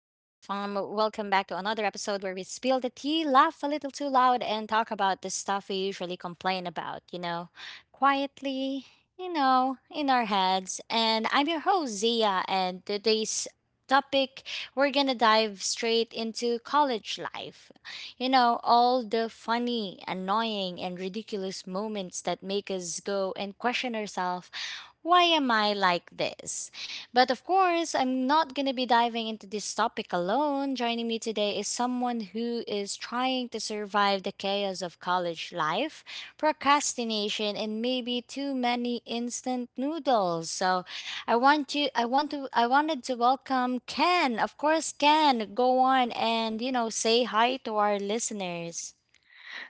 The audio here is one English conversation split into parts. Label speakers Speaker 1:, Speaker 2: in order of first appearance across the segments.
Speaker 1: back to another episode where we spill the tea, laugh a little too loud, and talk about the stuff we usually complain about, you know, quietly, you know, in our heads. And I'm your host, Zia, and today's topic we're gonna dive straight into college life. You know, all the funny, annoying, and ridiculous moments that make us go and question ourselves, why am I like this? But of course, I'm not going to be diving into this topic alone. Joining me today is someone who is trying to survive the chaos of college life, procrastination, and maybe too many instant noodles. So, I want you I want to I wanted to welcome Ken. Of course, Ken, go on and, you know, say hi to our listeners.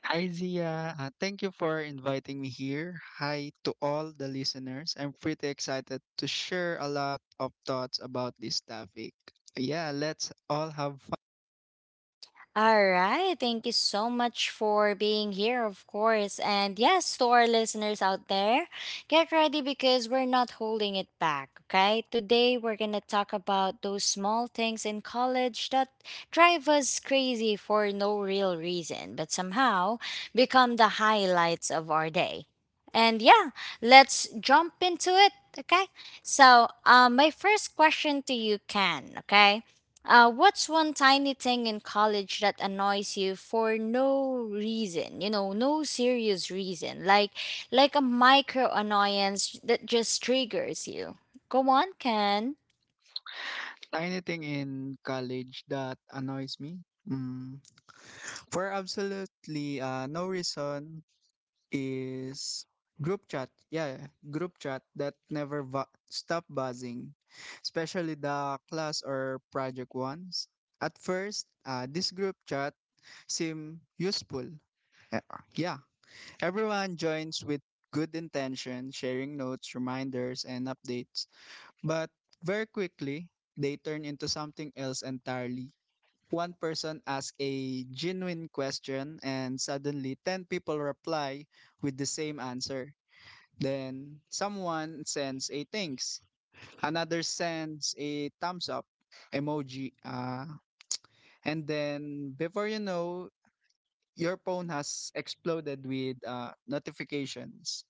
Speaker 2: Hi, Zia. Thank you for inviting me here. Hi to all the listeners. I'm pretty excited to share a lot of thoughts about this topic. Yeah, let's all have fun.
Speaker 1: All right. Thank you so much for being here, of course. And yes, to our listeners out there, get ready because we're not holding it back, okay? Today, we're going to talk about those small things in college that drive us crazy for no real reason, but somehow become the highlights of our day. And yeah, let's jump into it, okay? So, my first question to you, Ken, okay? What's one tiny thing in college that annoys you for no reason? You know, no serious reason. Like a micro annoyance that just triggers you. Go on, Ken.
Speaker 2: Tiny thing in college that annoys me. Mm. For absolutely no reason, is group chat. Yeah, group chat that never stop buzzing, especially the class or project ones. At first, this group chat seem useful. Uh, Yeah, Everyone joins with good intention, sharing notes, reminders, and updates. But very quickly, they turn into something else entirely. One person asks a genuine question, and suddenly 10 people reply with the same answer. Then someone sends a thanks, another sends a thumbs up emoji, and then before you know, your phone has exploded with notifications.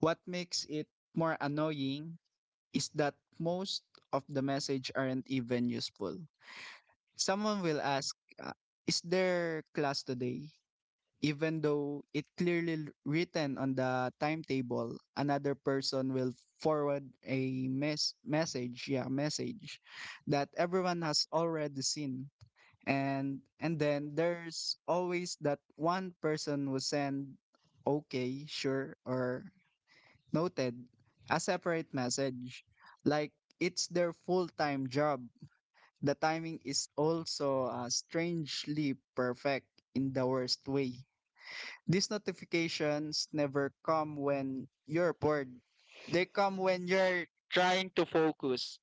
Speaker 2: What makes it more annoying is that most of the message aren't even useful. Someone will ask, uh, "Is there class today?" even though it clearly written on the timetable. Another person will forward a message, message that everyone has already seen. And then there's always that one person will send okay, sure, or noted a separate message like it's their full-time job. The timing is also strangely perfect in the worst way. These notifications never come when you're bored. They come when you're trying to focus,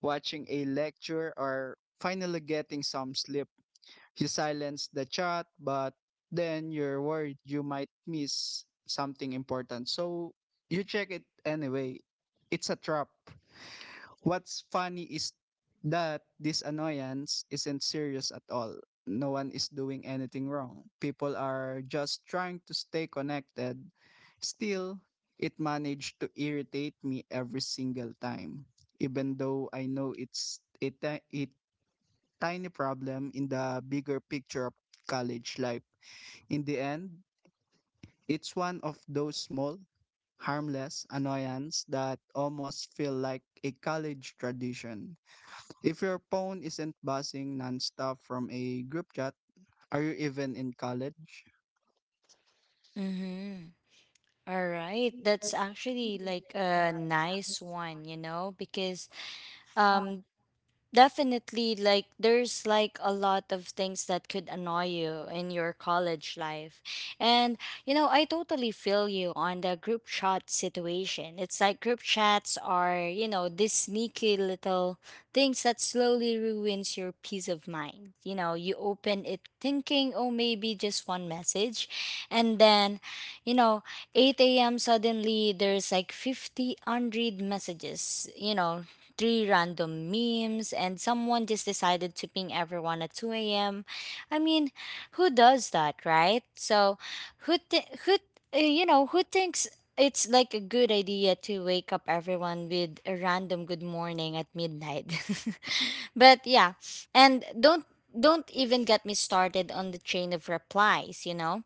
Speaker 2: watching a lecture, or finally getting some sleep. You silence the chat, but then you're worried you might miss something important. So you check it anyway. It's a trap. What's funny is that this annoyance isn't serious at all. No one is doing anything wrong. People are just trying to stay connected. Still, it managed to irritate me every single time, even though I know it's a tiny problem in the bigger picture of college life. In the end, it's one of those small, harmless annoyance that almost feel like a college tradition. If your phone isn't buzzing nonstop from a group chat, are you even in college?
Speaker 1: Mm-hmm. All right. That's actually like a nice one, you know, because um definitely, like there's like a lot of things that could annoy you in your college life. And you know, I totally feel you on the group chat situation. It's like group chats are, you know, these sneaky little things that slowly ruins your peace of mind. You know, you open it thinking, oh, maybe just one message. And then, you know, 8 a.m. suddenly there's like 50 unread messages, you know, three random memes, and someone just decided to ping everyone at 2 a.m. I mean, who does that, right? So, who, th- who, you know, who thinks it's like a good idea to wake up everyone with a random good morning at midnight? But yeah, and don't even get me started on the chain of replies, you know?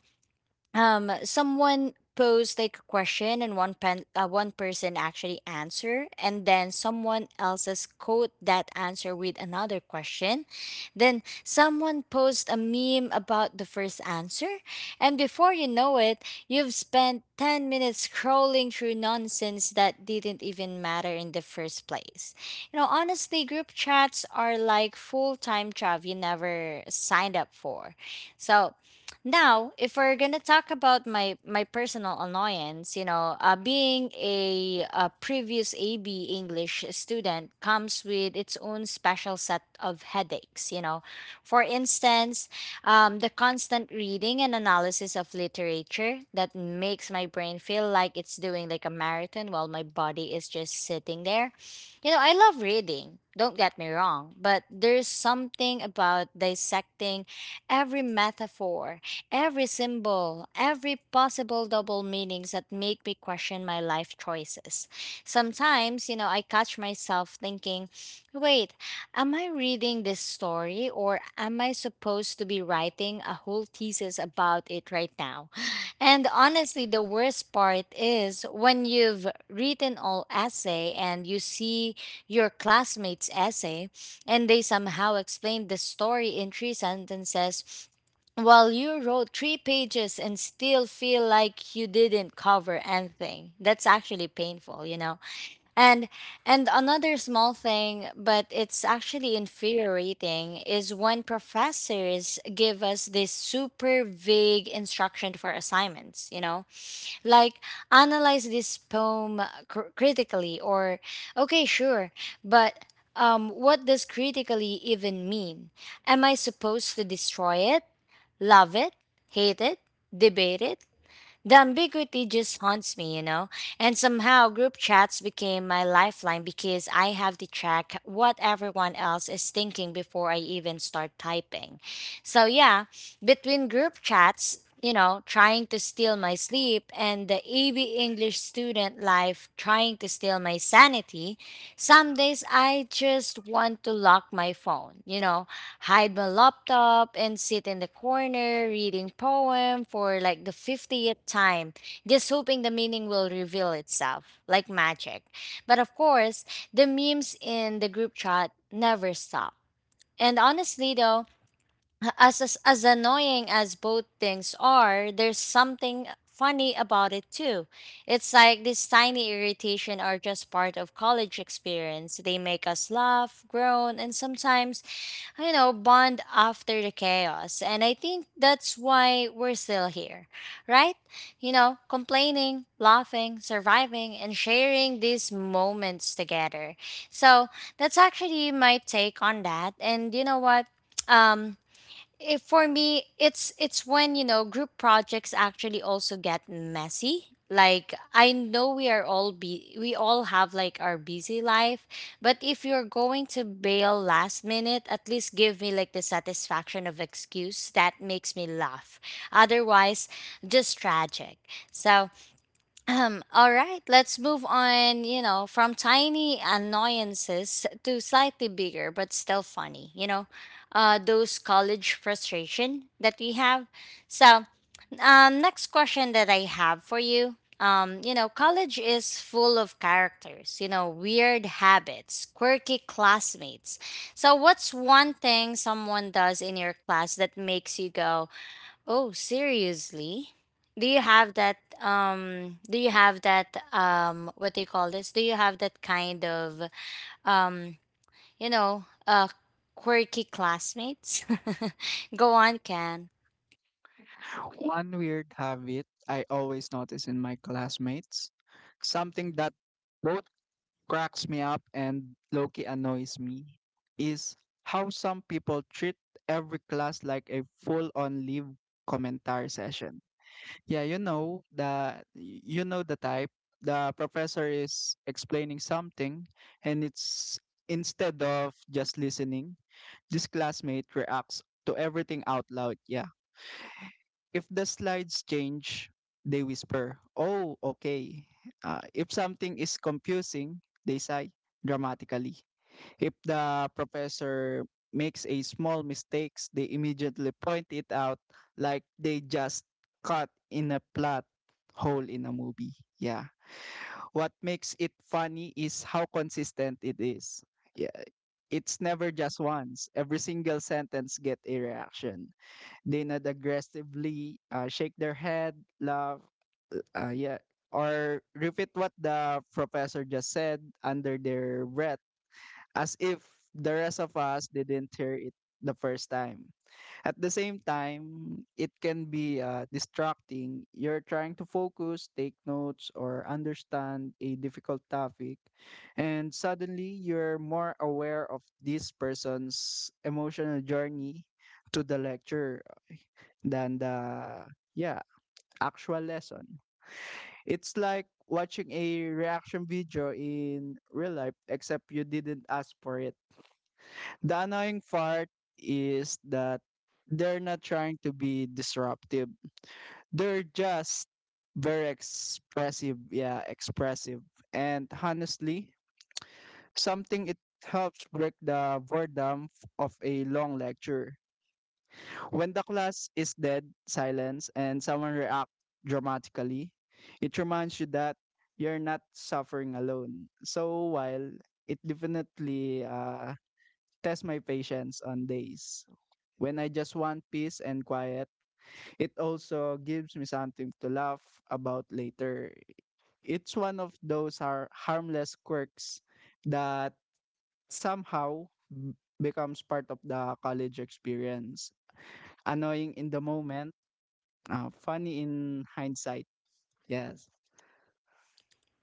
Speaker 1: Someone posed like a question and one person actually answer and then someone else's quote that answer with another question, then someone posed a meme about the first answer, and before you know it, you've spent 10 minutes scrolling through nonsense that didn't even matter in the first place. You know, honestly, group chats are like full-time job you never signed up for. So now, if we're gonna talk about my personal annoyance, you know, being a previous AB English student comes with its own special set of headaches. You know, for instance, the constant reading and analysis of literature that makes my brain feel like it's doing like a marathon while my body is just sitting there. You know, I love reading. Don't get me wrong, but there's something about dissecting every metaphor, every symbol, every possible double meanings that make me question my life choices. Sometimes, you know, I catch myself thinking, wait, am I reading this story or am I supposed to be writing a whole thesis about it right now? And honestly, the worst part is when you've written all essay and you see your classmates' essay and they somehow explain the story in three sentences, well, you wrote three pages and still feel like you didn't cover anything. That's actually painful, you know. And and another small thing, but it's actually infuriating, is when professors give us this super vague instruction for assignments, you know, like analyze this poem critically, or okay, sure, but what does critically even mean? Am I supposed to destroy it? Love it, hate it, debate it. The ambiguity just haunts me, you know. And somehow group chats became my lifeline because I have to check what everyone else is thinking before I even start typing. So, yeah, between group chats, you know, trying to steal my sleep and the AB English student life trying to steal my sanity, some days I just want to lock my phone, you know, hide my laptop and sit in the corner reading poem for like the 50th time, just hoping the meaning will reveal itself like magic. But of course, the memes in the group chat never stop. And honestly though, as annoying as both things are, there's something funny about it too. It's like these tiny irritation are just part of college experience. They make us laugh, groan, and sometimes, you know, bond after the chaos. And I think that's why we're still here, right? You know, complaining, laughing, surviving, and sharing these moments together. So that's actually my take on that. And you know what? Um, if for me, it's when you know group projects actually also get messy. Like I know we all have like our busy life, but if you're going to bail last minute, at least give me like the satisfaction of excuse that makes me laugh. Otherwise, just tragic. So all right, let's move on, you know, from tiny annoyances to slightly bigger but still funny, you know, those college frustration that we have. So, next question that I have for you. You know, college is full of characters, you know, weird habits, quirky classmates. So, what's one thing someone does in your class that makes you go, oh, seriously? Do you have that do you have that what do you call this? Do you have that kind of um you know, quirky classmates? Go on, Ken.
Speaker 2: One weird habit I always notice in my classmates, something that both cracks me up and low-key annoys me, is how some people treat every class like a full-on live commentary session. Yeah, you know the type. The professor is explaining something and it's instead of just listening, this classmate reacts to everything out loud. Yeah, if the slides change, they whisper, "Oh, okay." If something is confusing, they sigh dramatically. If the professor makes a small mistakes, they immediately point it out like they just cut in a plot hole in a movie. Yeah. What makes it funny is how consistent it is. Yeah. It's never just once. Every single sentence get a reaction. They not aggressively shake their head, laugh, yeah, or repeat what the professor just said under their breath, as if the rest of us didn't hear it the first time. At the same time, it can be distracting. You're trying to focus, take notes, or understand a difficult topic, and suddenly you're more aware of this person's emotional journey to the lecture than the yeah actual lesson. It's like watching a reaction video in real life except you didn't ask for it. The annoying part is that they're not trying to be disruptive. They're just very expressive, yeah, expressive. And honestly, something it helps break the boredom of a long lecture. When the class is dead, silence, and someone reacts dramatically, it reminds you that you're not suffering alone. So while it definitely tests my patience on days when I just want peace and quiet, it also gives me something to laugh about later. It's one of those harmless quirks that somehow becomes part of the college experience. Annoying in the moment, funny in hindsight, yes.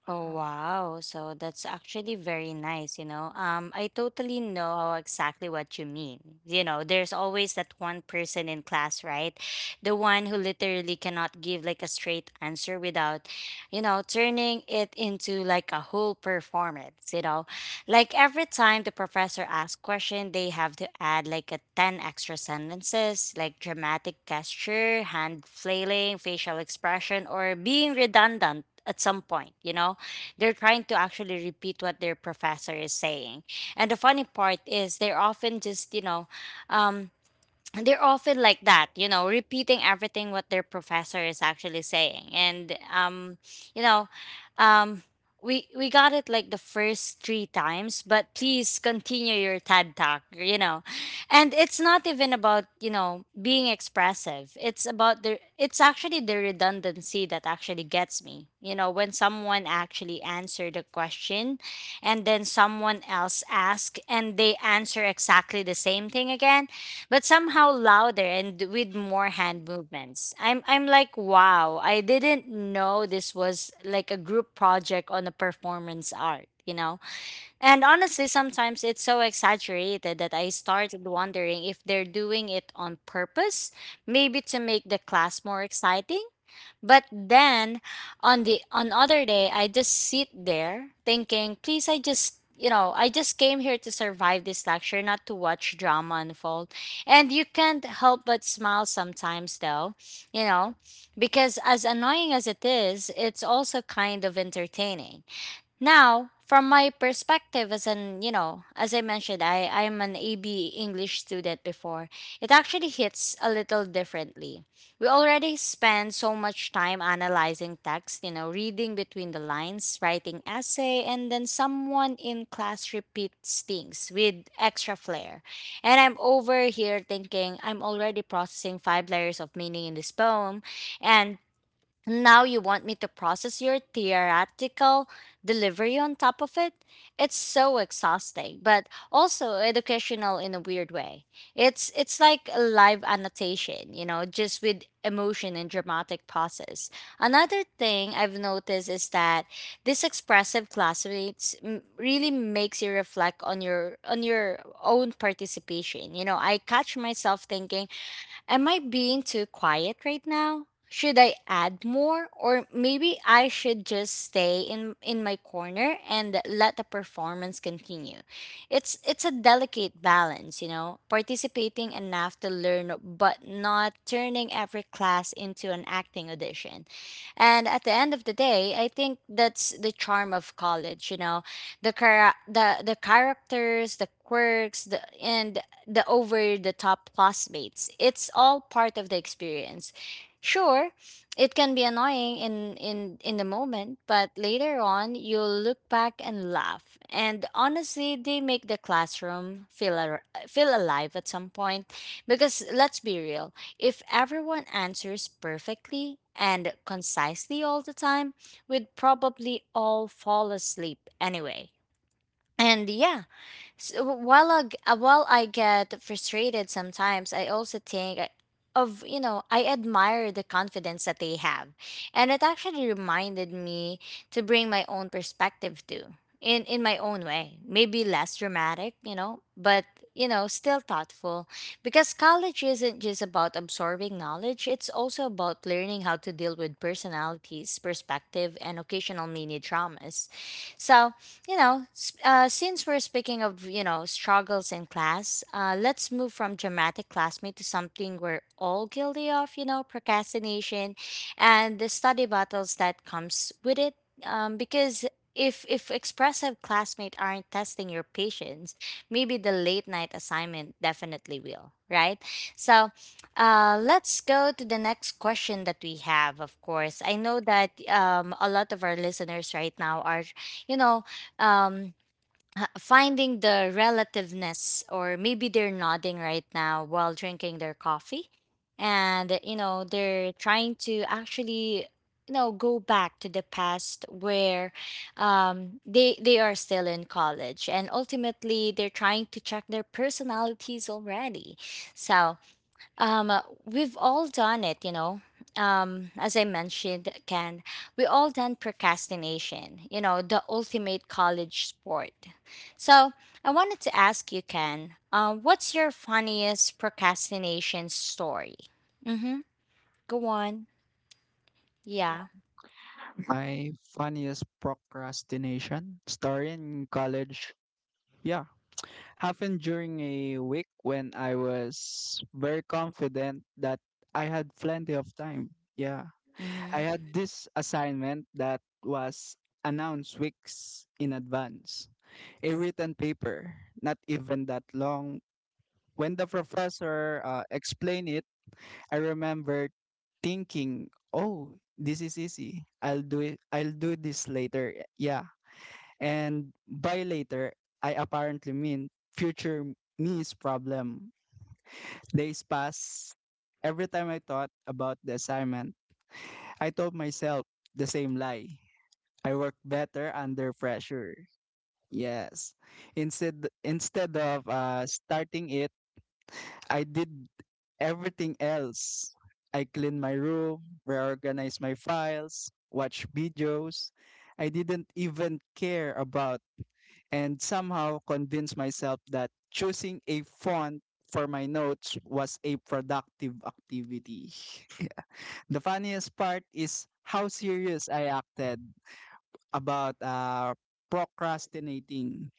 Speaker 1: Oh wow. So that's actually very nice, you know. I totally know exactly what you mean. You know, there's always that one person in class, right? The one who literally cannot give like a straight answer without, you know, turning it into like a whole performance, you know. Like every time the professor asks question, they have to add like a 10 extra sentences, like dramatic gesture, hand flailing, facial expression, or being redundant at some point, you know? They're trying to actually repeat what their professor is saying. And the funny part is they're often just, you know, um, they're often like that, you know, repeating everything what their professor is actually saying. And you know, um we got it like the first three times, but please continue your TED talk, you know. And it's not even about, you know, being expressive. It's about the it's actually the redundancy that actually gets me. You know, when someone actually answered a question and then someone else asked and they answer exactly the same thing again but somehow louder and with more hand movements. I'm like wow, I didn't know this was like a group project on a performance art, you know. And honestly, sometimes it's so exaggerated that I started wondering if they're doing it on purpose, maybe to make the class more exciting, but then on the on other day, I just sit there thinking, please, I just you know, I just came here to survive this lecture, not to watch drama unfold. And you can't help but smile sometimes, though, you know, because as annoying as it is, it's also kind of entertaining. Now, from my perspective as an, you know, as I mentioned, I'm an AB English student before. It actually hits a little differently. We already spend so much time analyzing text, you know, reading between the lines, writing essay, and then someone in class repeats things with extra flair. And I'm over here thinking, I'm already processing five layers of meaning in this poem, and now you want me to process your theoretical delivery on top of it? It's so exhausting, but also educational in a weird way. It's like a live annotation, you know, just with emotion and dramatic pauses. Another thing I've noticed is that this expressive classmates really makes you reflect on your own participation. You know, I catch myself thinking, am I being too quiet right now? Should I add more, or maybe I should just stay in my corner and let the performance continue. It's a delicate balance, you know, participating enough to learn but not turning every class into an acting audition. And at the end of the day, I think that's the charm of college, you know, the characters, the quirks, the and the over the top classmates. It's all part of the experience. Sure, it can be annoying in the moment, but later on you'll look back and laugh. And honestly, they make the classroom feel alive at some point, because let's be real, if everyone answers perfectly and concisely all the time, we'd probably all fall asleep anyway. And yeah, so while I get frustrated sometimes, I also think, you know, I admire the confidence that they have. And it actually reminded me to bring my own perspective too, in my own way. Maybe less dramatic, you know, but, you know, still thoughtful. Because college isn't just about absorbing knowledge, it's also about learning how to deal with personalities, perspective, and occasional mini traumas. So since we're speaking of, you know, struggles in class, let's move from dramatic classmate to something we're all guilty of, you know, procrastination and the study battles that comes with it. Because if expressive classmates aren't testing your patience, maybe the late night assignment definitely will, right? So let's go to the next question that we have, of course. I know that a lot of our listeners right now are, you know um finding the relativeness, or maybe they're nodding right now while drinking their coffee and, you know, they're trying to actually, you know, go back to the past where, they are still in college, and ultimately they're trying to check their personalities already. So we've all done it, you know. As I mentioned, Ken, we all done procrastination, you know, the ultimate college sport. So I wanted to ask you, Ken, what's your funniest procrastination story? Mm-hmm. Go on. Yeah.
Speaker 2: My funniest procrastination story in college, yeah, happened during a week when I was very confident that I had plenty of time. Yeah, I
Speaker 1: Mm-hmm.
Speaker 2: had this assignment that was announced weeks in advance, a written paper, not even that long. When the professor explained it, I remember thinking, "Oh, this is easy. I'll do it. I'll do this later." Yeah. And by later, I apparently mean future me's problem. Days pass. Every time I thought about the assignment, I told myself the same lie. I work better under pressure. Yes. Instead of starting it, I did everything else. I cleaned my room, reorganized my files, watched videos. I didn't even care about and somehow convinced myself that choosing a font for my notes was a productive activity. Yeah. The funniest part is how serious I acted about procrastinating.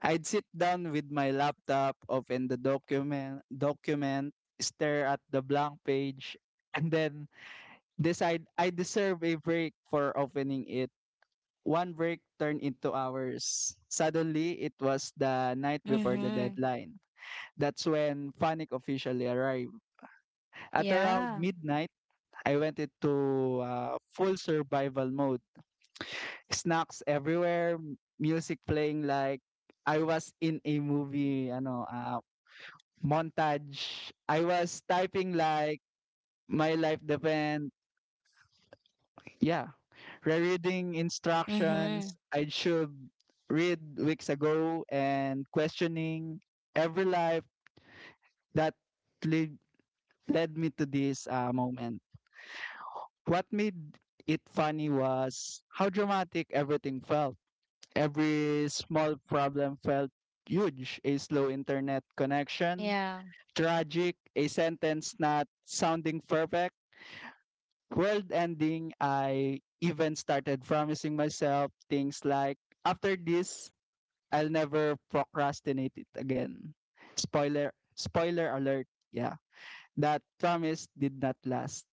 Speaker 2: I'd sit down with my laptop, open the document, stare at the blank page, and then decide I deserve a break for opening it. One break turned into hours. Suddenly, it was the night before the
Speaker 1: Mm-hmm.
Speaker 2: deadline. That's when panic officially arrived. At around
Speaker 1: Yeah.
Speaker 2: midnight, I went into full survival mode. Snacks everywhere, music playing like I was in a movie, montage. I was typing like my life depend. Yeah, rereading
Speaker 1: Mm-hmm.
Speaker 2: instructions I should read weeks ago and questioning every life that lead, led me to this moment. What made it funny was how dramatic everything felt. Every small problem felt huge. A slow internet connection,
Speaker 1: Yeah.
Speaker 2: tragic, a sentence not sounding perfect, world ending. I even started promising myself things like, after this, I'll never procrastinate it again. Spoiler alert. Yeah, that promise did not last.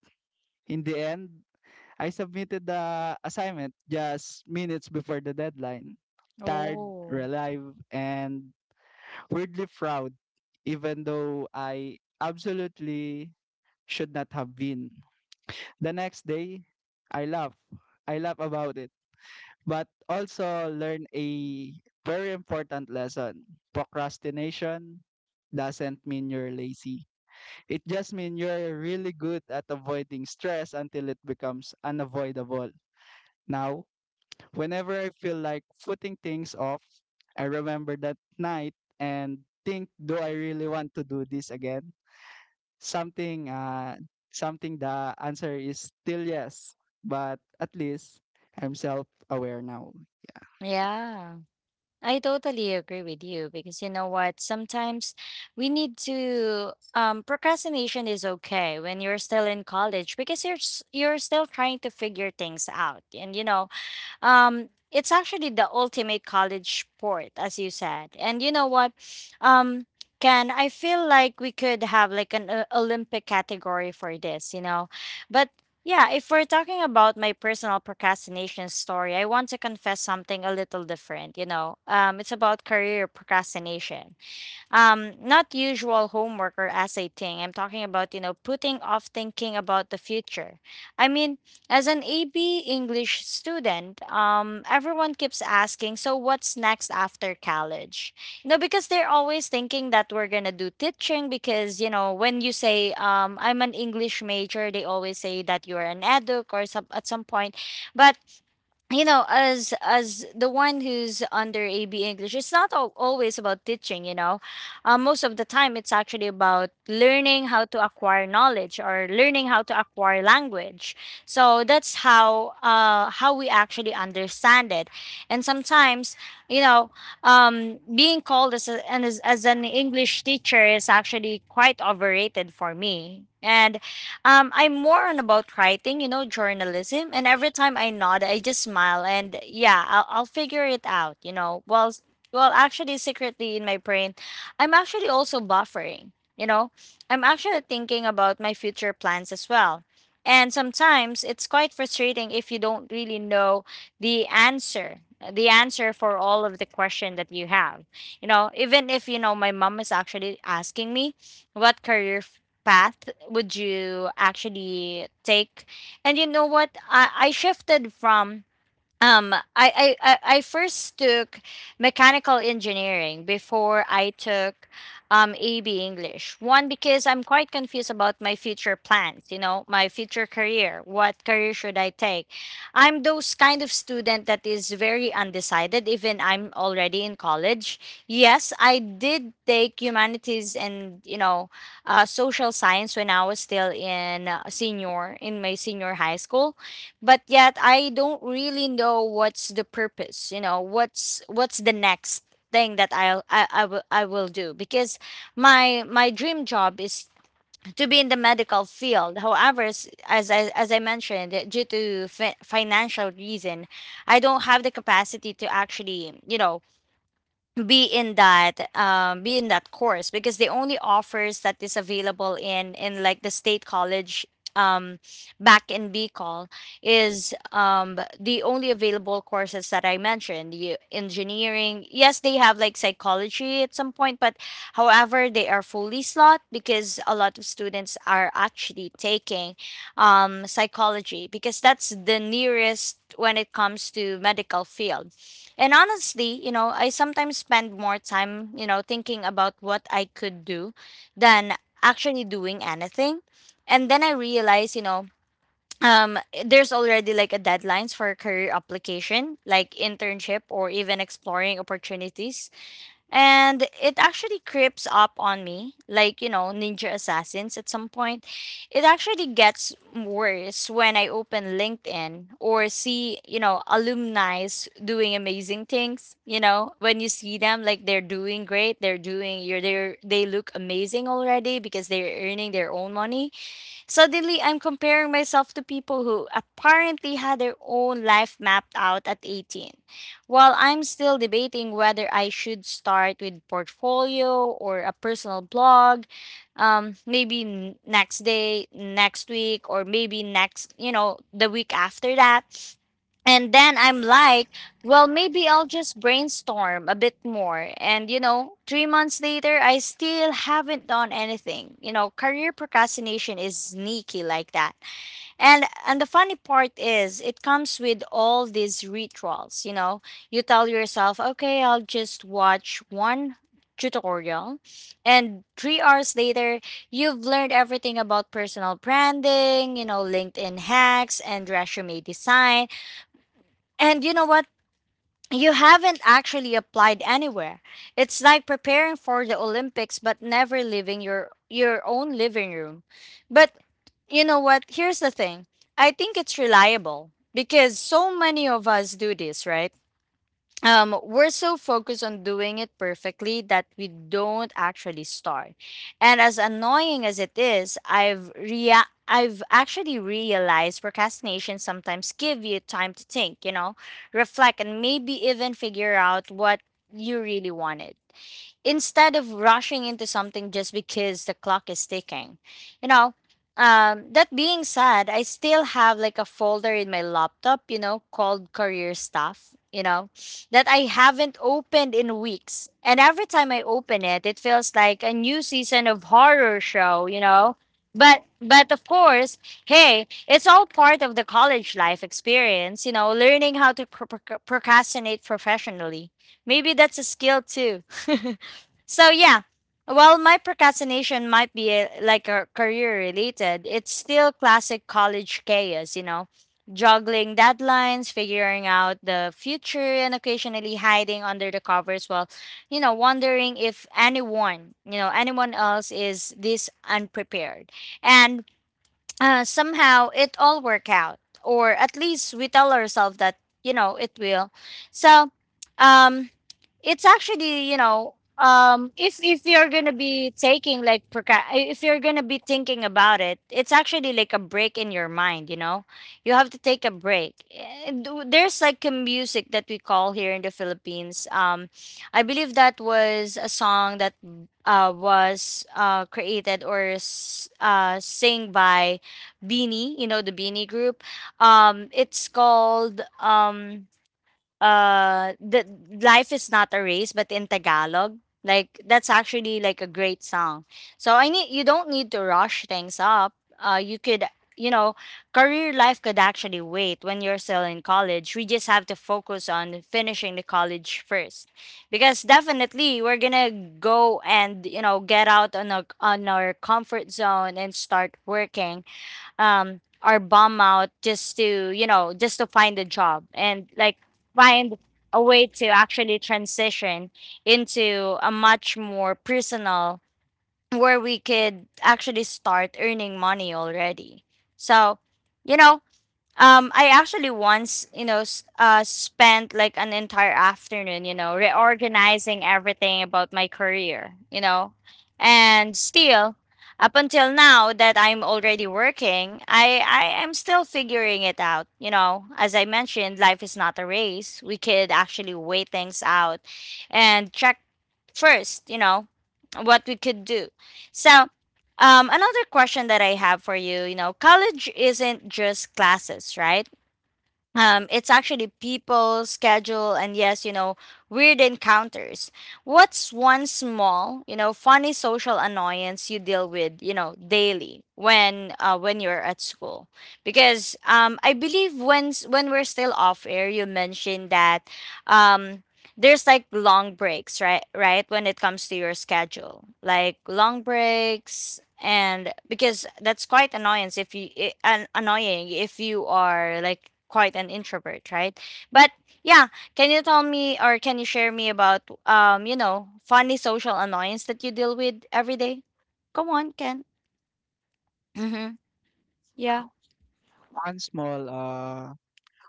Speaker 2: In the end, I submitted the assignment just minutes before the deadline. Tired,
Speaker 1: Oh.
Speaker 2: relieved, and weirdly proud, even though I absolutely should not have been. The next day, I laugh. I laugh about it. But also learn a very important lesson. Procrastination doesn't mean you're lazy. It just means you're really good at avoiding stress until it becomes unavoidable. Now, whenever I feel like putting things off, I remember that night and think, do I really want to do this again? Something something The answer is still yes, but at least I'm self-aware now.
Speaker 1: Yeah. I totally agree with you because you know what? Sometimes we need to. Procrastination is okay when you're still in college because you're still trying to figure things out, and you know, it's actually the ultimate college sport, as you said. And you know what? Um, Ken, I feel like we could have like an Olympic category for this, you know? But yeah, if we're talking about my personal procrastination story, I want to confess something a little different, you know? It's about career procrastination, um, not usual homework or essay thing. I'm talking about, you know, putting off thinking about the future. I mean, as an AB English student, um, everyone keeps asking, so what's next after college? You know, because they're always thinking that we're gonna do teaching, because you know, when you say, um, I'm an English major, they always say that you're an educ or some, at some point. But you know, as the one who's under AB English, it's not always about teaching, you know. Most of the time it's actually about learning how to acquire knowledge, or learning how to acquire language. So that's how, how we actually understand it. And sometimes, you know, being called as, a, and as an English teacher is actually quite overrated for me. And I'm more on about writing, you know, journalism. And every time I nod, I just smile and yeah, I'll figure it out, you know. Well, actually, secretly in my brain, I'm actually also buffering, you know. I'm actually thinking about my future plans as well. And sometimes it's quite frustrating if you don't really know the answer, the answer for all of the question that you have. You know, even if, you know, my mom is actually asking me, what career path would you actually take? And you know what? I shifted from, I first took mechanical engineering before I took, um, AB English. One, because I'm quite confused about my future plans, you know, my future career. What career should I take? I'm those kind of student that is very undecided, even I'm already in college. Yes, I did take humanities and, you know, social science when I was still in, senior in my senior high school, but yet I don't really know what's the purpose, you know, what's the next thing that I will, I will do. Because my dream job is to be in the medical field. However, as I mentioned, due to financial reason, I don't have the capacity to actually, you know, be in that, um, be in that course, because the only offers that is available in, like the state college, um, back in Bicol, is, um, the only available courses that I mentioned you, engineering. Yes, they have like psychology at some point, but however, they are fully slot because a lot of students are actually taking, um, psychology, because that's the nearest when it comes to medical field. And honestly, you know, I sometimes spend more time, you know, thinking about what I could do than actually doing anything. And then I realize, you know, um, there's already like a deadlines for career application, like internship or even exploring opportunities. And it actually creeps up on me, like, you know, Ninja Assassins at some point. It actually gets worse when I open LinkedIn, or see, you know, alumni's doing amazing things, you know, when you see them like they're doing great, they're doing, you're they're they look amazing already because they're earning their own money. Suddenly, I'm comparing myself to people who apparently had their own life mapped out at 18, while I'm still debating whether I should start with portfolio or a personal blog, maybe next day, next week, or maybe next, you know, the week after that. And then I'm like, well, maybe I'll just brainstorm a bit more. And, you know, 3 months later, I still haven't done anything. You know, career procrastination is sneaky like that. And the funny part is, it comes with all these rituals. You know, you tell yourself, okay, I'll just watch one tutorial. And 3 hours later, you've learned everything about personal branding, you know, LinkedIn hacks and resume design. And you know what? You haven't actually applied anywhere. It's like preparing for the Olympics but never leaving your own living room. But you know what? Here's the thing. I think it's reliable because so many of us do this, right? Um, we're so focused on doing it perfectly that we don't actually start. And as annoying as it is, I've actually realized procrastination sometimes give you time to think, you know, reflect, and maybe even figure out what you really wanted, instead of rushing into something just because the clock is ticking. You know, that being said, I still have like a folder in my laptop, you know, called career stuff, you know, that I haven't opened in weeks. And every time I open it, it feels like a new season of horror show, you know. But of course, hey, it's all part of the college life experience, you know, learning how to procrastinate professionally. Maybe that's a skill too. So yeah, while my procrastination might be, like, a career related, it's still classic college chaos, you know, juggling deadlines, figuring out the future, and occasionally hiding under the covers while, you know, wondering if anyone, you know, anyone else is this unprepared. And somehow it all work out, or at least we tell ourselves that, you know, it will. So, um it's actually, you know, um, if you're gonna be taking like, if you're gonna be thinking about it, it's actually like a break in your mind, you know. You have to take a break. And there's like a music that we call here in the Philippines, um, I believe that was a song that was created or sing by Beanie, you know, the Beanie group. Um, it's called, um, the life is not a race, but in Tagalog. Like, that's actually like a great song. So I need, you don't need to rush things up. You could, you know, career life could actually wait. When you're still in college, we just have to focus on finishing the college first, because definitely we're gonna go and, you know, get out on on our comfort zone and start working. Um, are bum out just to, you know, just to find a job, and like find a way to actually transition into a much more personal where we could actually start earning money already. So, you know, I actually once, you know, spent like an entire afternoon, you know, reorganizing everything about my career, you know. And still, up until now that I'm already working, I am still figuring it out, you know. As I mentioned, life is not a race. We could actually weigh things out, and check first, you know, what we could do. So another question that I have for you, you know, college isn't just classes, right? It's actually people, schedule, and yes, weird encounters. What's one small, funny social annoyance you deal with daily when when you're at school? Because I believe when we're still off air, you mentioned that um, there's like long breaks, right? Right when it comes to your schedule, like long breaks, and because that's quite annoyance if an annoying if you are like quite an introvert, right? But yeah, can you tell me or can you share me about funny social annoyance that you deal with every day? Come on, Ken. Mm-hmm. Yeah.
Speaker 2: One small uh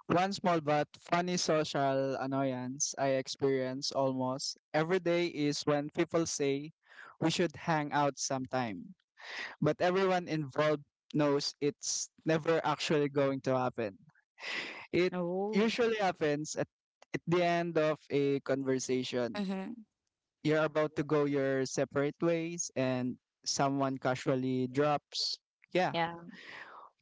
Speaker 2: one small but funny social annoyance I experience almost every day is when people say we should hang out sometime, but everyone involved knows it's never actually going to happen. It
Speaker 1: Oh.
Speaker 2: usually happens at the end of a conversation.
Speaker 1: Mm-hmm.
Speaker 2: You're about to go your separate ways and someone casually drops, yeah,
Speaker 1: Yeah.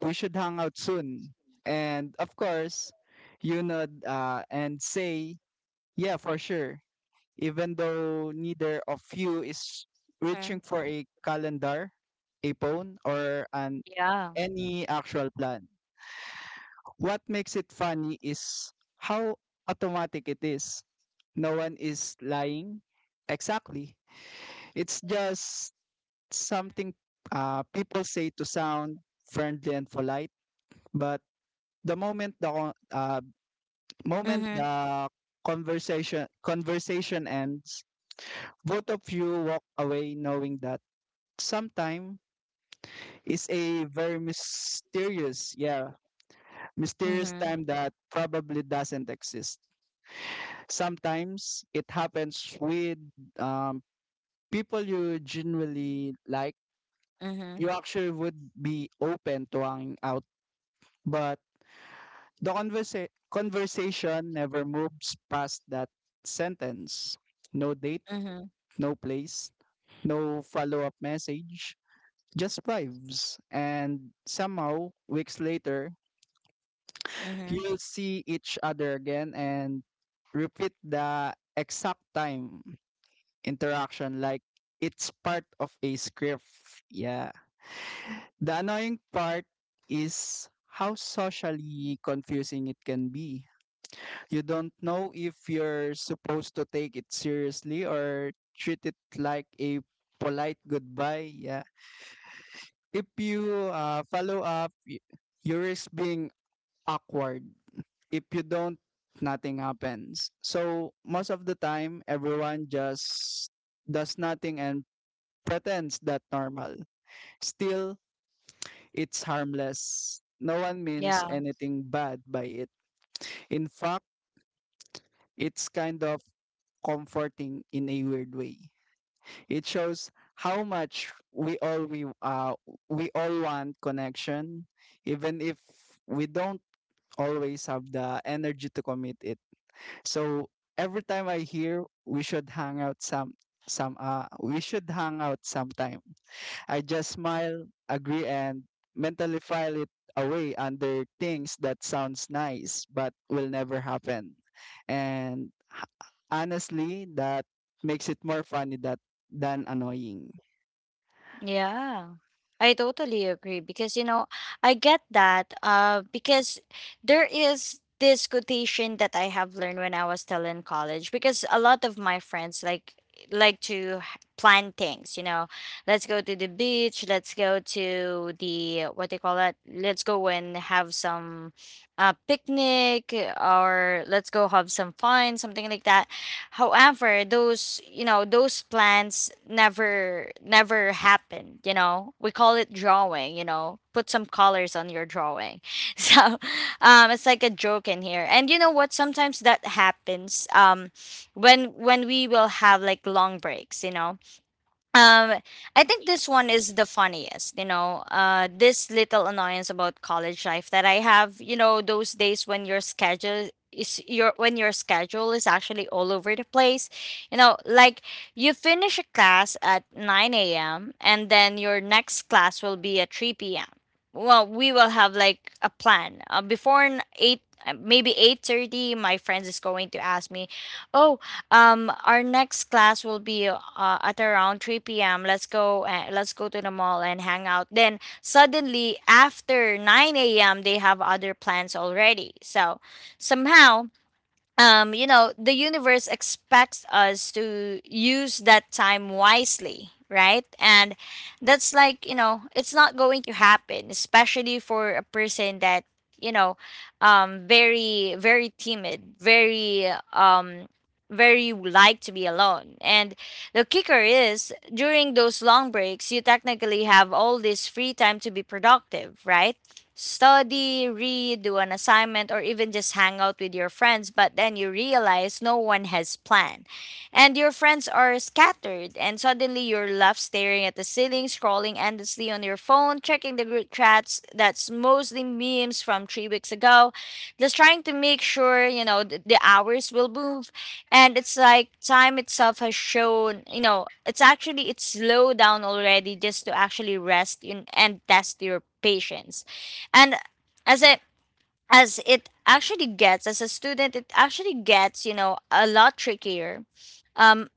Speaker 2: we should hang out soon. And of course, you nod and say, yeah, for sure. Even though neither of you is
Speaker 1: Mm-hmm.
Speaker 2: reaching for a calendar, a phone, or an
Speaker 1: Yeah.
Speaker 2: any actual plan. What makes it funny is how automatic it is. No one is lying. Exactly. It's just something people say to sound friendly and polite, but the moment the con- moment
Speaker 1: Mm-hmm.
Speaker 2: the conversation conversation ends, both of you walk away knowing that sometime is a very mysterious
Speaker 1: Mm-hmm.
Speaker 2: time that probably doesn't exist. Sometimes it happens with um, people you genuinely like.
Speaker 1: Mm-hmm.
Speaker 2: You actually would be open to hanging out, but the conversation never moves past that sentence. No date,
Speaker 1: Mm-hmm.
Speaker 2: no place, no follow up message, just vibes. And somehow, weeks later,
Speaker 1: Mm-hmm.
Speaker 2: you'll see each other again and repeat the exact time interaction like it's part of a script. Yeah. The annoying part is how socially confusing it can be. You don't know if you're supposed to take it seriously or treat it like a polite goodbye. Yeah. If you follow up, you risk being awkward. If you don't, nothing happens. So most of the time, everyone just does nothing and pretends that normal. Still, it's harmless. No one means
Speaker 1: Yeah.
Speaker 2: anything bad by it. In fact, it's kind of comforting in a weird way. It shows how much we all want connection, even if we don't always have the energy to commit it. So every time I hear we should hang out some we should hang out sometime. I just smile, agree, and mentally file it away under things that sounds nice but will never happen. And honestly, that makes it more funny that than annoying.
Speaker 1: Yeah, I totally agree because you know, I get that because there is this quotation that I have learned when I was still in college because a lot of my friends like to plan things. Let's go to the beach, let's go to the what they call that? Let's go and have some picnic or let's go have some fun, something like that. However, those you know those plans never happened. You know, we call it drawing. You know, put some colors on your drawing. So it's like a joke in here. And you know what? Sometimes that happens. When we will have like long breaks. You know, um I think this one is the funniest, this little annoyance about college life that I have. Those days when your schedule is actually all over the place, like you finish a class at 9 a.m. and then your next class will be at 3 p.m. Well, we will have like a plan 8, maybe 8:30, my friends is going to ask me. Oh, our next class will be at around 3 p.m. Let's go. Let's go to the mall and hang out. Then suddenly after 9 a.m. they have other plans already. So somehow, the universe expects us to use that time wisely, right? And that's like, it's not going to happen, especially for a person that, you know, very, very timid, very, very like to be alone. And the kicker is during those long breaks, you technically have all this free time to be productive, right? Study, read, do an assignment, or even just hang out with your friends, but then you realize no one has plan. And your friends are scattered, and suddenly you're left staring at the ceiling, scrolling endlessly on your phone, checking the group chats that's mostly memes from 3 weeks ago, just trying to make sure, the hours will move. And it's like time itself has shown, it's slowed down already just to actually rest in, and test your patience. And as it as it actually gets, as a student it actually gets, a lot trickier. um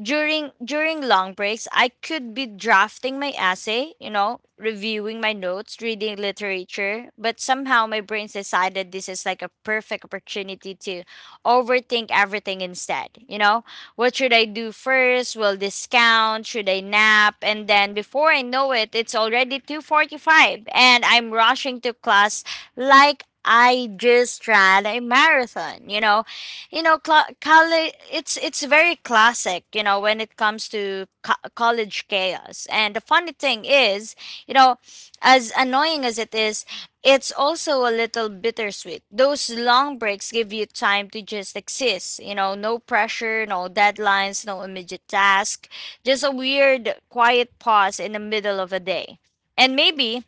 Speaker 1: during long breaks, I could be drafting my essay, reviewing my notes, reading literature, but somehow my brain decided this is like a perfect opportunity to overthink everything instead. What should I do first? Will this count? Should I nap? And then before I know it, it's already 2:45 and I'm rushing to class, like I just ran a marathon. College, it's very classic, when it comes to college chaos. And the funny thing is, you know as annoying as it is, it's also a little bittersweet. Those long breaks give you time to just exist, no pressure, no deadlines, no immediate task, just a weird quiet pause in the middle of a day. And maybe,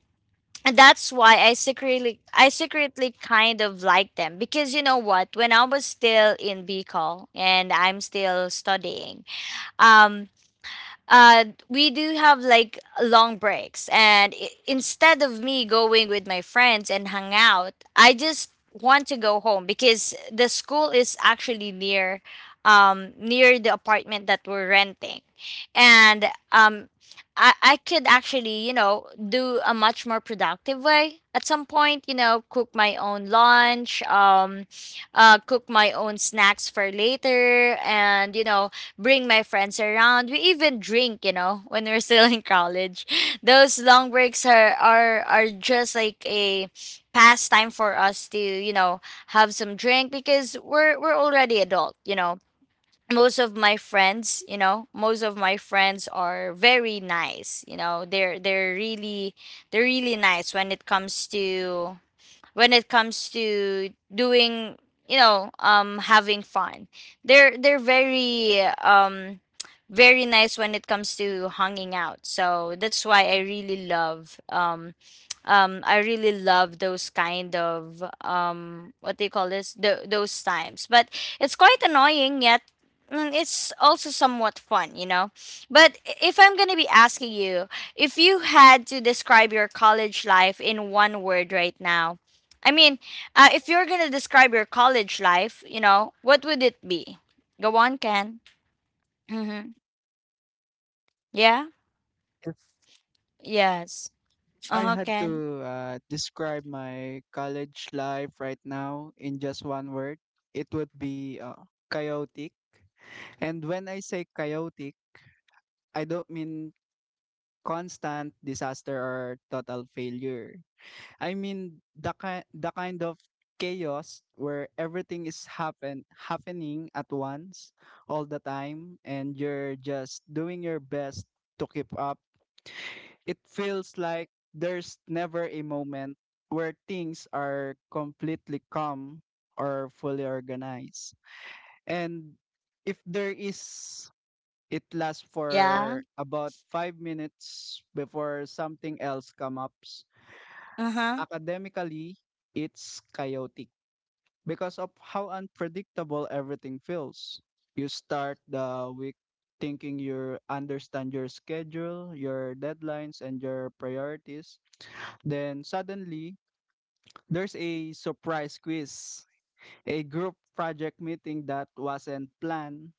Speaker 1: and that's why I secretly kind of like them, because you know what, when I was still in BCol and I'm still studying, um we do have like long breaks, and instead of me going with my friends and hang out, I just want to go home because the school is actually near, near the apartment that we're renting, and um, I could actually, do a much more productive way at some point. You know, cook my own lunch, cook my own snacks for later, and bring my friends around. We even drink, when we're still in college. Those long breaks are just like a pastime for us to, have some drink because we're already adult. Most of my friends, most of my friends are very nice. They're really nice when it comes to, when it comes to doing, having fun. They're very, very nice when it comes to hanging out, so that's why I really love, I really love those kind of, what do you call this? Those times. But it's quite annoying, yet it's also somewhat fun. But if I'm going to be asking you, if you had to describe your college life in one word right now, I mean, if you're gonna describe your college life, what would it be? Go on, Ken. Mm-hmm. Yeah.
Speaker 2: If
Speaker 1: Yes. Uh
Speaker 2: I
Speaker 1: huh,
Speaker 2: had
Speaker 1: Ken.
Speaker 2: to describe my college life right now in just one word, it would be chaotic. And when I say chaotic, I don't mean constant disaster or total failure. I mean the kind of chaos where everything is happening at once all the time and you're just doing your best to keep up. It feels like there's never a moment where things are completely calm or fully organized. And if there is, it lasts
Speaker 1: Yeah.
Speaker 2: for about 5 minutes before something else comes up.
Speaker 1: Uh huh.
Speaker 2: Academically, it's chaotic because of how unpredictable everything feels. You start the week thinking you understand your schedule, your deadlines, and your priorities. Then suddenly, there's a surprise quiz, a group project meeting that wasn't planned,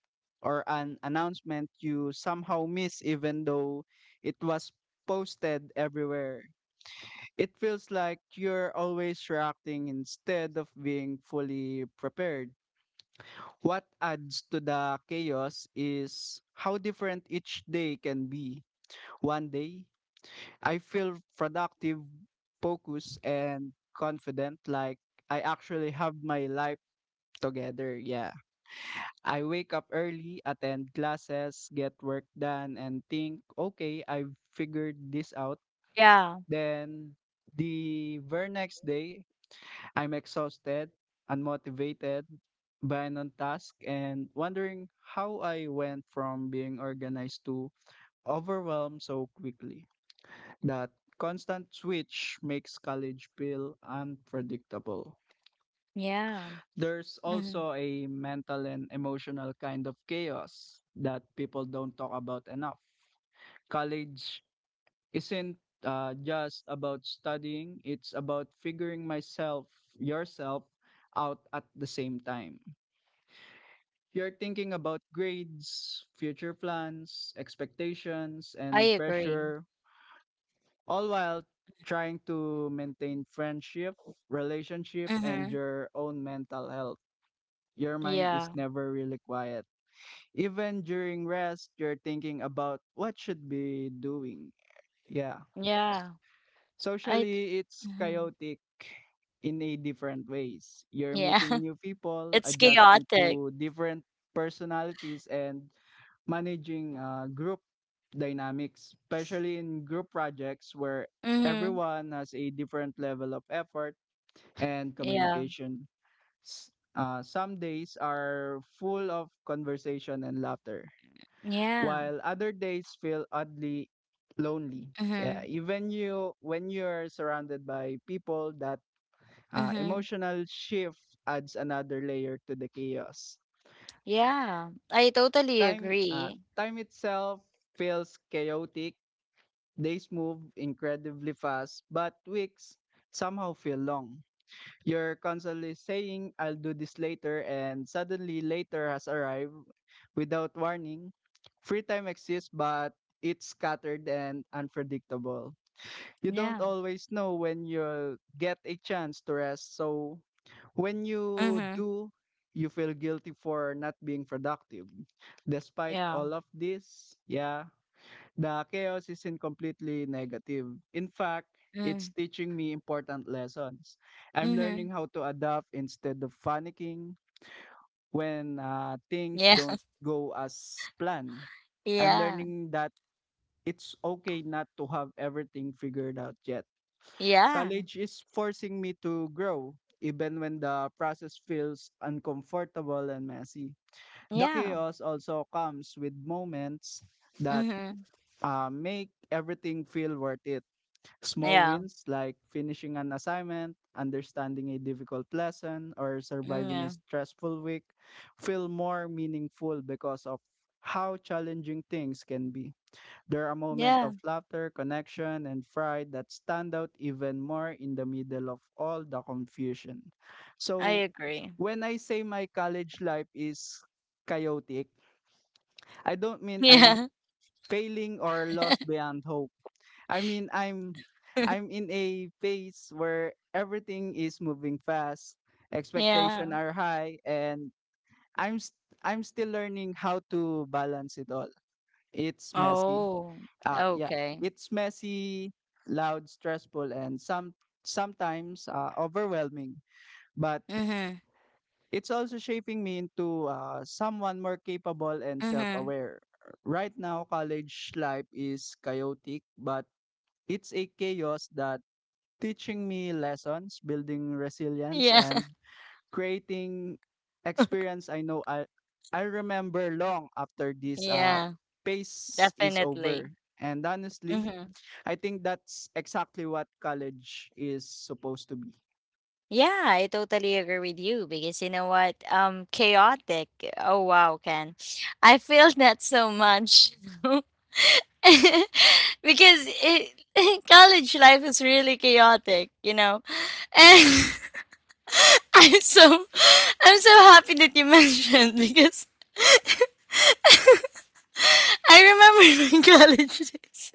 Speaker 2: or an announcement you somehow miss even though it was posted everywhere. It feels like you're always reacting instead of being fully prepared. What adds to the chaos is how different each day can be. One day, I feel productive, focused, and confident, like I actually have my life together. Yeah. I wake up early, attend classes, get work done, and think, okay, I've figured this out.
Speaker 1: Yeah.
Speaker 2: Then the very next day, I'm exhausted, unmotivated, by non task, and wondering how I went from being organized to overwhelmed so quickly. That constant switch makes college feel unpredictable.
Speaker 1: Yeah.
Speaker 2: There's
Speaker 1: Mm-hmm.
Speaker 2: also a mental and emotional kind of chaos that people don't talk about enough. College isn't just about studying. It's about figuring myself, yourself out at the same time. You're thinking about grades, future plans, expectations,
Speaker 1: I
Speaker 2: and
Speaker 1: agree.
Speaker 2: pressure, all while trying to maintain friendship, relationship, and
Speaker 1: Mm-hmm.
Speaker 2: your own mental health. Your mind
Speaker 1: Yeah.
Speaker 2: is never really quiet. Even during rest, you're thinking about what should be doing. Yeah.
Speaker 1: Yeah. I.
Speaker 2: Socially, it's
Speaker 1: Mm-hmm.
Speaker 2: chaotic in a different ways. You're
Speaker 1: Yeah.
Speaker 2: meeting new people,
Speaker 1: It's
Speaker 2: adjusting
Speaker 1: chaotic.
Speaker 2: to different personalities, and managing group dynamics, especially in group projects where
Speaker 1: Mm-hmm.
Speaker 2: everyone has a different level of effort and
Speaker 1: Yeah.
Speaker 2: communication. Some days are full of conversation and laughter,
Speaker 1: Yeah.
Speaker 2: while other days feel oddly lonely. Yeah,
Speaker 1: Mm-hmm.
Speaker 2: even you when you're surrounded by people, that
Speaker 1: Mm-hmm.
Speaker 2: emotional shift adds another layer to the chaos.
Speaker 1: Yeah. I totally
Speaker 2: Time,
Speaker 1: agree.
Speaker 2: time itself feels chaotic. Days move incredibly fast, but weeks somehow feel long. You're constantly saying, I'll do this later, and suddenly later has arrived without warning. Free time exists, but it's scattered and unpredictable. You don't
Speaker 1: Yeah.
Speaker 2: always know when you'll get a chance to rest, so when you
Speaker 1: Mm-hmm.
Speaker 2: do, you feel guilty for not being productive. Despite
Speaker 1: Yeah.
Speaker 2: all of this, yeah, the chaos isn't completely negative. In fact, it's
Speaker 1: Mm-hmm.
Speaker 2: teaching me important lessons. I'm
Speaker 1: Mm-hmm.
Speaker 2: learning how to adapt instead of panicking when things
Speaker 1: Yeah.
Speaker 2: don't go as planned. I'm
Speaker 1: Yeah,
Speaker 2: learning that it's okay not to have everything figured out yet.
Speaker 1: yeah,
Speaker 2: College is forcing me to grow, even when the process feels uncomfortable and messy. The
Speaker 1: yeah.
Speaker 2: chaos also comes with moments that
Speaker 1: Mhm.
Speaker 2: make everything feel worth it. Small
Speaker 1: Yeah,
Speaker 2: wins like finishing an assignment, understanding a difficult lesson, or
Speaker 1: mm,
Speaker 2: surviving a
Speaker 1: yeah,
Speaker 2: stressful week feel more meaningful because of how challenging things can be. There are moments
Speaker 1: yeah,
Speaker 2: of laughter, connection, and pride that stand out even more in the middle of all the confusion.
Speaker 1: I
Speaker 2: So,
Speaker 1: agree.
Speaker 2: when I say my college life is chaotic, I don't mean I'm
Speaker 1: Yeah.
Speaker 2: failing or lost beyond hope. I mean, I'm in a phase where everything is moving fast, expectation
Speaker 1: Yeah.
Speaker 2: are high, and I'm st- I'm still learning how to balance it all. It's messy.
Speaker 1: Oh,
Speaker 2: Yeah,
Speaker 1: okay.
Speaker 2: it's messy, loud, stressful, and sometimes overwhelming. But
Speaker 1: Mhm,
Speaker 2: it's also shaping me into someone more capable and
Speaker 1: mhm.
Speaker 2: self-aware. Right now, college life is chaotic, but it's a chaos that teaching me lessons, building resilience,
Speaker 1: Yeah,
Speaker 2: and creating experience I know I remember long after this
Speaker 1: yeah,
Speaker 2: phase is
Speaker 1: definitely.
Speaker 2: over. And honestly,
Speaker 1: Mhm.
Speaker 2: I think that's exactly what college is supposed to be.
Speaker 1: Yeah, I totally agree with you because you know what? Chaotic. Oh wow, Ken. I feel that so much. Because it, college life is really chaotic, And I'm so I'm so happy that you mentioned, because I remember my college days.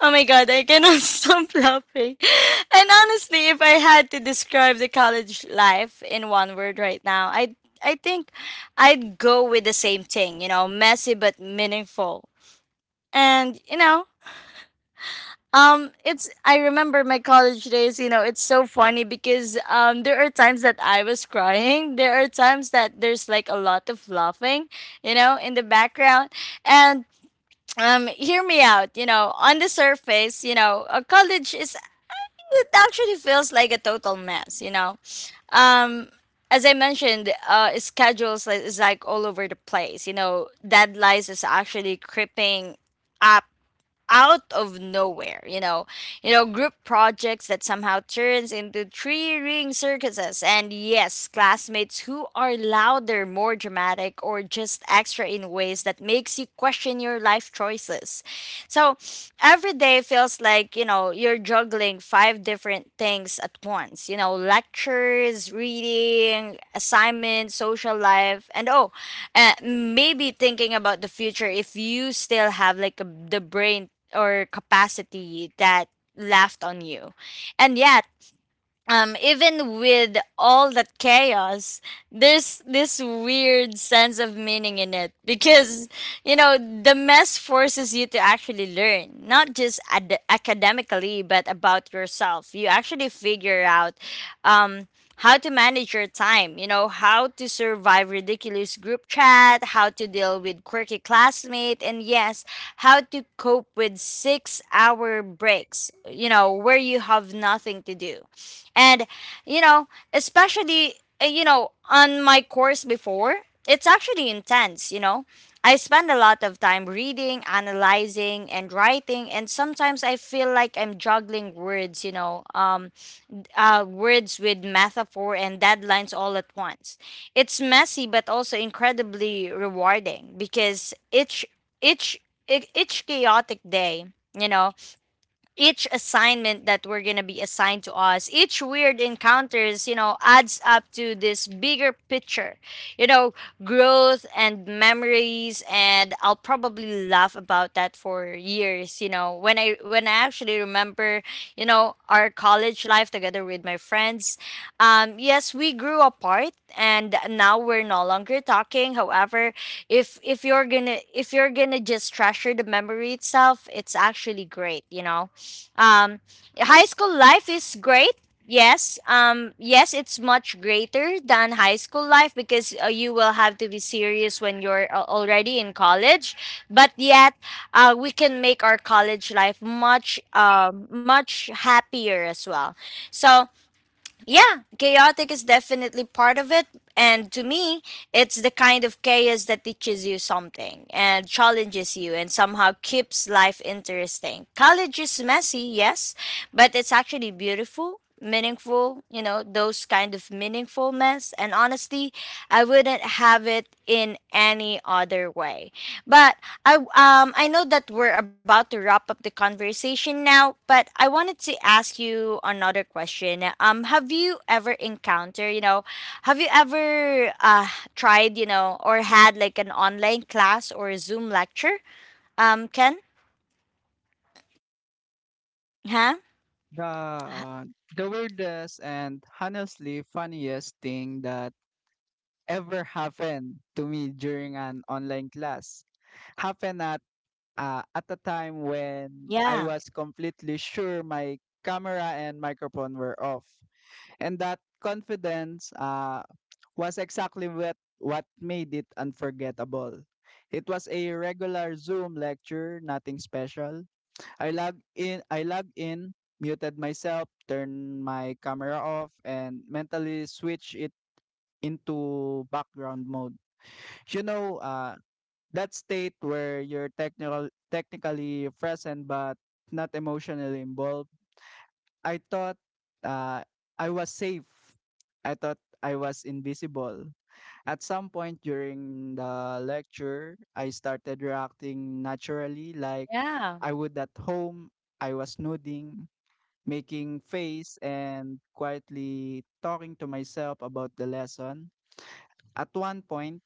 Speaker 1: Oh my God, I cannot stop laughing. And honestly, if I had to describe the college life in one word right now, I think I'd go with the same thing, messy but meaningful. And, it's I remember my college days. It's so funny because there are times that I was crying, there are times that there's like a lot of laughing, in the background. And hear me out. On the surface, a college is it actually feels like a total mess, Um, as I mentioned, schedules is like all over the place. You know, deadlines is actually creeping up out of nowhere. You know, group projects that somehow turns into three ring circuses, and yes, classmates who are louder, more dramatic, or just extra in ways that makes you question your life choices. So, every day feels like, you're juggling five different things at once, lectures, reading, assignments, social life, and oh, maybe thinking about the future if you still have like the brain or capacity that left on you. And yeah, even with all that chaos, there's this weird sense of meaning in it because, the mess forces you to actually learn, not just academically, but about yourself. You actually figure out, um, how to manage your time, how to survive ridiculous group chat, how to deal with quirky classmate, and yes, how to cope with 6 hour breaks, where you have nothing to do and, especially, on my course before, it's actually intense, I spend a lot of time reading, analyzing, and writing, and sometimes I feel like I'm juggling words, words with metaphor and deadlines all at once. It's messy, but also incredibly rewarding because each each chaotic day, you know, each assignment that we're going to be assigned to us, each weird encounters, adds up to this bigger picture, you know growth and memories, and I'll probably laugh about that for years, when I actually remember, our college life together with my friends. Yes, we grew apart and now we're no longer talking. However, if you're gonna just treasure the memory itself, it's actually great, um, high school life is great. Yes, yes, it's much greater than high school life because you will have to be serious when you're already in college. But yet, we can make our college life much, much happier as well. So yeah, chaotic is definitely part of it. And to me, it's the kind of chaos that teaches you something and challenges you and somehow keeps life interesting. College is messy, yes, but it's actually beautiful, meaningful, those kind of meaningful mess. And honestly, I wouldn't have it in any other way. But I know that we're about to wrap up the conversation now, but I wanted to ask you another question. Have you ever encountered, have you ever tried, or had like an online class or a Zoom lecture? Ken? Huh?
Speaker 2: The uh, the weirdest and honestly funniest thing that ever happened to me during an online class happened at a time when I
Speaker 1: Yeah.
Speaker 2: was completely sure my camera and microphone were off. And that confidence was exactly what made it unforgettable. It was a regular Zoom lecture, nothing special. I log in, muted myself, turned my camera off, and mentally switch it into background mode. You know, that state where you're technically present but not emotionally involved. I thought uh, I was safe. I thought I was invisible. At some point during the lecture I started reacting naturally like
Speaker 1: Yeah.
Speaker 2: I would at home. I was nodding, making face and quietly talking to myself about the lesson. At one point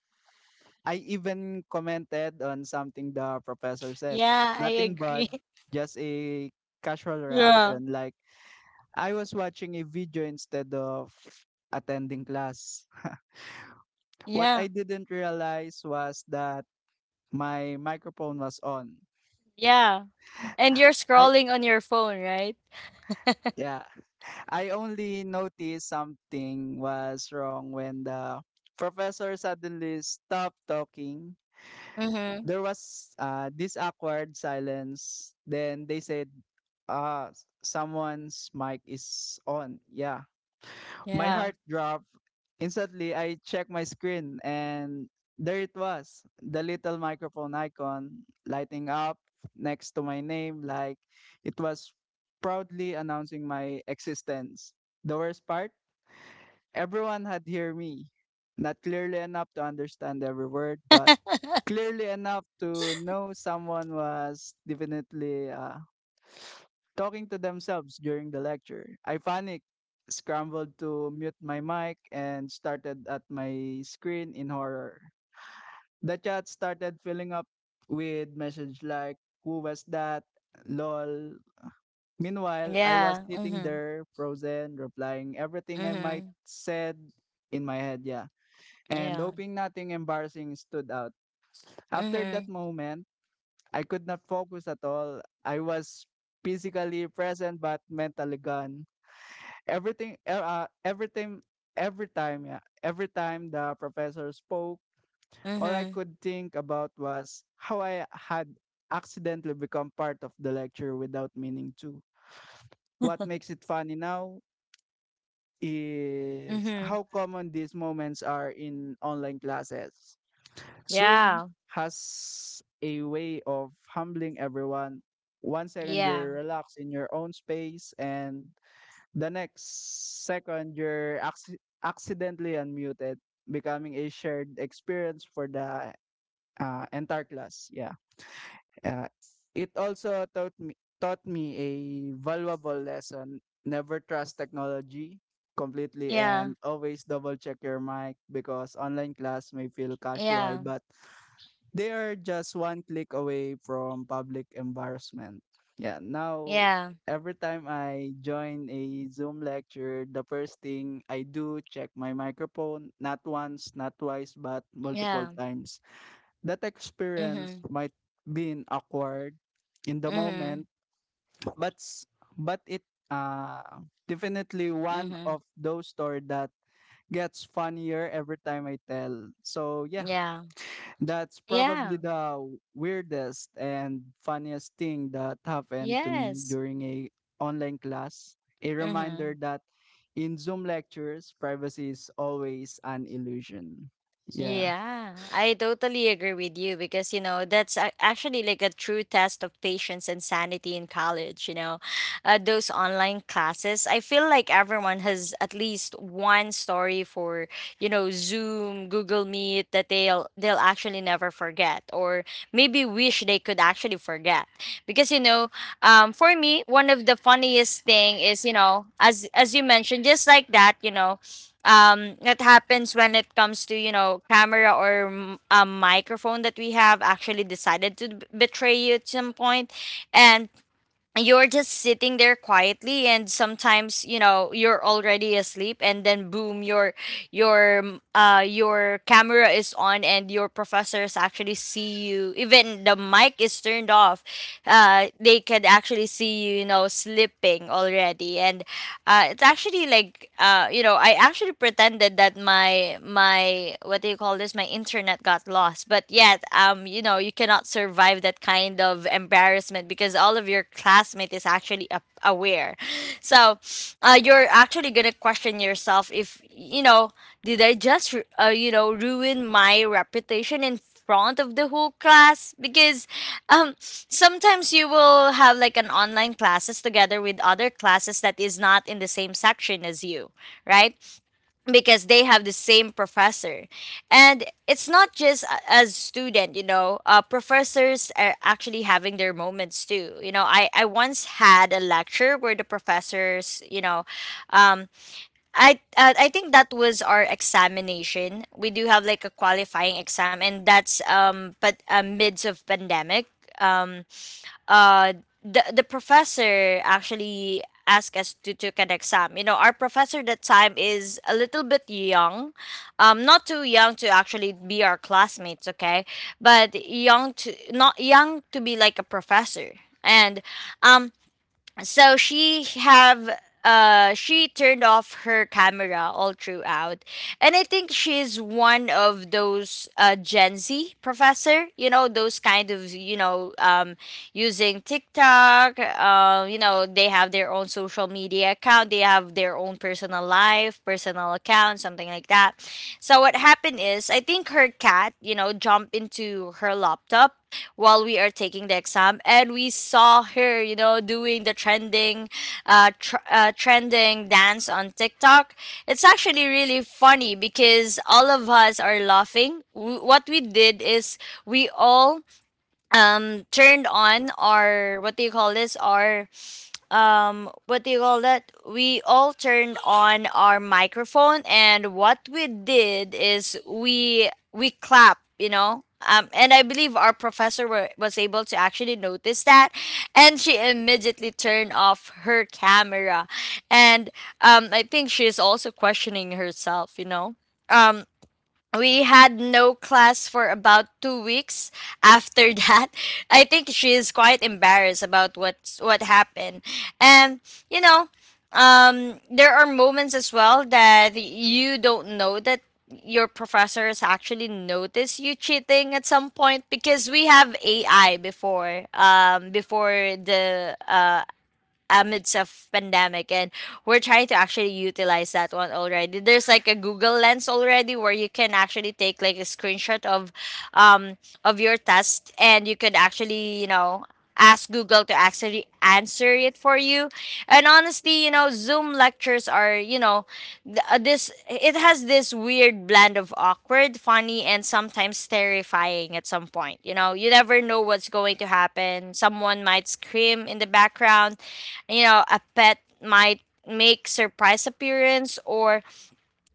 Speaker 2: I even commented on something the professor said.
Speaker 1: Yeah, I
Speaker 2: Nothing but
Speaker 1: agree.
Speaker 2: just a casual
Speaker 1: Yeah.
Speaker 2: reaction. Like, I was watching a video instead of attending class. What I
Speaker 1: Yeah.
Speaker 2: didn't realize was that my microphone was on.
Speaker 1: Yeah. And you're
Speaker 2: I,
Speaker 1: scrolling on your phone, right?
Speaker 2: yeah, I only noticed something was wrong when the professor suddenly stopped talking.
Speaker 1: Mm-hmm.
Speaker 2: There was this awkward silence. Then they said, uh, someone's mic is on. Yeah. My
Speaker 1: Yeah.
Speaker 2: heart dropped. Instantly, I checked my screen and there it was, the little microphone icon lighting up next to my name, like it was proudly announcing my existence. The worst part? Everyone had heard me. Not clearly enough to understand every word, but clearly enough to know someone was definitely talking to themselves during the lecture. I panicked, scrambled to mute my mic, and started at my screen in horror. The chat started filling up with messages like, who was that? Lol. Meanwhile, I was
Speaker 1: Yeah.
Speaker 2: sitting
Speaker 1: Mm-hmm.
Speaker 2: there, frozen, replying everything I might
Speaker 1: Mm-hmm.
Speaker 2: said in my head, yeah, and
Speaker 1: Yeah.
Speaker 2: hoping nothing embarrassing stood out. After
Speaker 1: Mm-hmm.
Speaker 2: that moment, I could not focus at all. I was physically present but mentally gone. Everything, every time, yeah, every time the professor spoke, all I
Speaker 1: Mhm.
Speaker 2: could think about was how I had accidentally become part of the lecture without meaning to. What makes it funny now is
Speaker 1: Mhm.
Speaker 2: how common these moments are in online classes. Zoom
Speaker 1: Yeah.
Speaker 2: has a way of humbling everyone. One second
Speaker 1: Yeah.
Speaker 2: you're relaxed in your own space, and the next second you're accidentally unmuted, becoming a shared experience for the entire class. Yeah. Uh, it also taught me a valuable lesson. Never trust technology completely
Speaker 1: Yeah.
Speaker 2: and always double check your mic because online class may feel casual
Speaker 1: Yeah.
Speaker 2: but they are just one click away from public embarrassment. Yeah, now
Speaker 1: Yeah.
Speaker 2: every time I join a Zoom lecture, the first thing I do check my microphone, not once, not twice, but multiple
Speaker 1: Yeah.
Speaker 2: times. That experience
Speaker 1: Mhm.
Speaker 2: might been awkward in the
Speaker 1: Mhm.
Speaker 2: moment, but s- but it definitely one
Speaker 1: Mhm.
Speaker 2: of those stories that gets funnier every time I tell. So yeah,
Speaker 1: Yeah.
Speaker 2: that's
Speaker 1: Yeah.
Speaker 2: probably the weirdest and funniest thing that happened to me
Speaker 1: Yes.
Speaker 2: during a online class. A reminder
Speaker 1: Mhm.
Speaker 2: that in Zoom lectures, privacy is always an illusion. Yeah.
Speaker 1: Yeah, I totally agree with you because, that's actually like a true test of patience and sanity in college. Those online classes, I feel like everyone has at least one story for, Zoom, Google Meet that they'll actually never forget or maybe wish they could actually forget. Because, for me, one of the funniest thing is, as you mentioned, just like that, it happens when it comes to camera or a microphone that we have actually decided to betray you at some point, and you're just sitting there quietly, and sometimes, you're already asleep, and then boom, your camera is on and your professors actually see you even the mic is turned off. They can actually see you you know slipping already, and it's actually like, I actually pretended that my what do you call this, my internet got lost. But yet, you cannot survive that kind of embarrassment because all of your classmate is actually aware. So, you're actually gonna question yourself, if you know, did I just, ruin my reputation in front of the whole class? Because, sometimes you will have like an online classes together with other classes that is not in the same section as you, right? Because they have the same professor, and it's not just as student, professors are actually having their moments too. I once had a lecture where the professors, um I think that was our examination. We do have like a qualifying exam, and that's but midst of pandemic, um uh the professor actually asked us to take an exam. You know, our professor that time is a little bit young, not too young to actually be our classmates, okay, but young to not young to be like a professor. And um, so she have she turned off her camera all throughout. And I think she's one of those Gen Z professor, you know, those kind of, using TikTok, they have their own social media account, they have their own personal life, personal account, something like that. So what happened is I think her cat, jumped into her laptop while we are taking the exam, and we saw her, doing the trending, trending dance on TikTok. It's actually really funny because all of us are laughing. What we did is, we all turned on our, what do you call this, our, what do you call that, we all turned on our microphone. And what we did is, we clap, you know, and I believe our professor was able to actually notice that, and she immediately turned off her camera. And I think she's also questioning herself, um we had no class for about 2 weeks after that. I think she is quite embarrassed about what happened. And you know, there are moments as well that you don't know that your professor has actually noticed you cheating at some point, because we have AI before, before the amidst of pandemic. And we're trying to actually utilize that one already. There's like a Google Lens already where you can actually take like a screenshot um of your test, and you could actually, ask Google to actually answer it for you. And honestly, you know, Zoom lectures are, you know th- this it has this weird blend of awkward, funny, and sometimes terrifying. At some point, you never know what's going to happen. Someone might scream in the background, a pet might make surprise appearance, or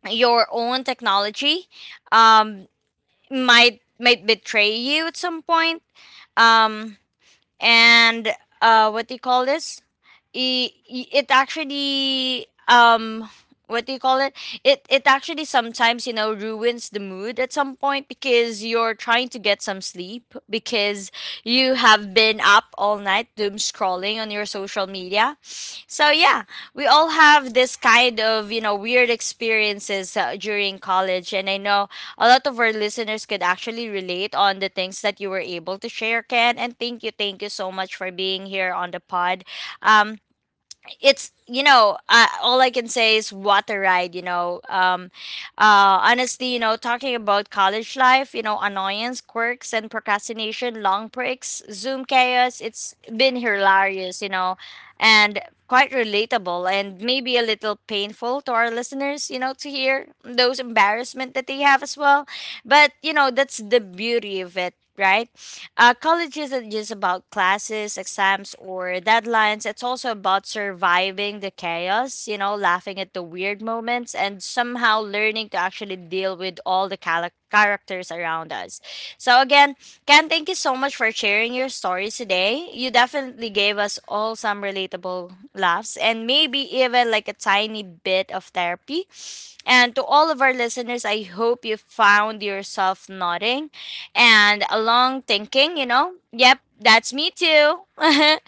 Speaker 1: your own technology, um, might betray you at some point. Um, and What do you call this, it actually, what do you call it actually sometimes, ruins the mood at some point because you're trying to get some sleep, because you have been up all night doom scrolling on your social media. So yeah, we all have this kind of, weird experiences during college, and I know a lot of our listeners could actually relate on the things that you were able to share, Ken. And thank you, thank you so much for being here on the pod. um it's, all I can say is what a ride, honestly, talking about college life, annoyance, quirks, and procrastination, long breaks, Zoom chaos, it's been hilarious, and quite relatable, and maybe a little painful to our listeners, to hear those embarrassment that they have as well. But that's the beauty of it, right? College isn't just about classes, exams, or deadlines. It's also about surviving the chaos, laughing at the weird moments, and somehow learning to actually deal with all the characters around us. So, again, Ken, thank you so much for sharing your stories today. You definitely gave us all some relatable laughs and maybe even like a tiny bit of therapy. And to all of our listeners, I hope you found yourself nodding and a long thinking. Yep, that's me too.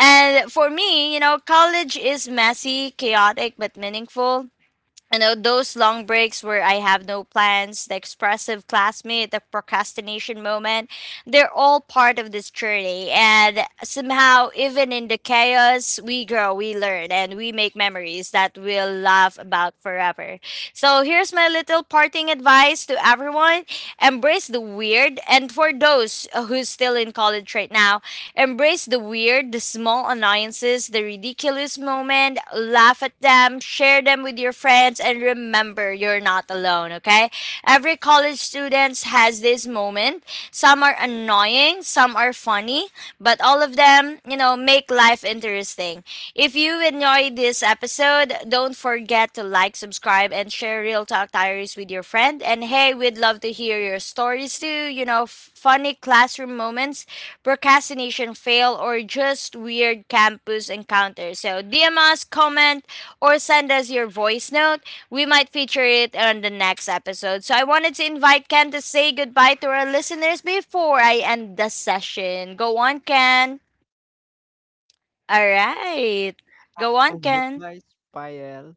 Speaker 1: And for me, college is messy, chaotic, but meaningful. Those long breaks where I have no plans, the expressive classmate, the procrastination moment, they're all part of this journey. And somehow, even in the chaos, we grow, we learn, and we make memories that we'll laugh about forever. So, here's my little parting advice to everyone: embrace the weird. And for those who's still in college right now, embrace the weird, the small annoyances, the ridiculous moment. Laugh at them, share them with your friends, and remember, you're not alone, okay? Every college student has this moment. Some are annoying, some are funny, but all of them, make life interesting. If you enjoyed this episode, don't forget to like, subscribe, and share Real Talk Diaries with your friend. And hey, we'd love to hear your stories too, funny classroom moments, procrastination fail, or just weird campus encounters. So DM us, comment, or send us your voice note. We might feature it on the next episode. So I wanted to invite Ken to say goodbye to our listeners before I end the session. Go on, Ken. All right. Go
Speaker 2: Oh,
Speaker 1: on, Ken.
Speaker 2: goodbye, Pael.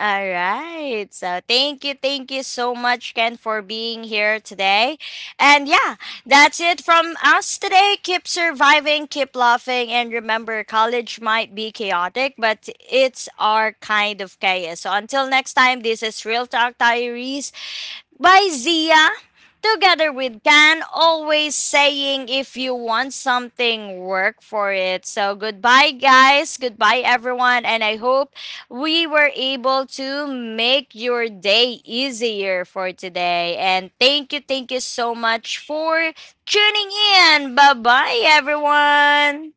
Speaker 1: All right. So thank you so much, Ken, for being here today. And yeah, that's it from us today. Keep surviving, keep laughing, and remember, college might be chaotic, but it's our kind of chaos. So until next time, this is Real Talk Diaries by Zia, together with Can, always saying, if you want something, work for it. So goodbye, guys. Goodbye, everyone. And I hope we were able to make your day easier for today. And thank you so much for tuning in. Bye bye, everyone.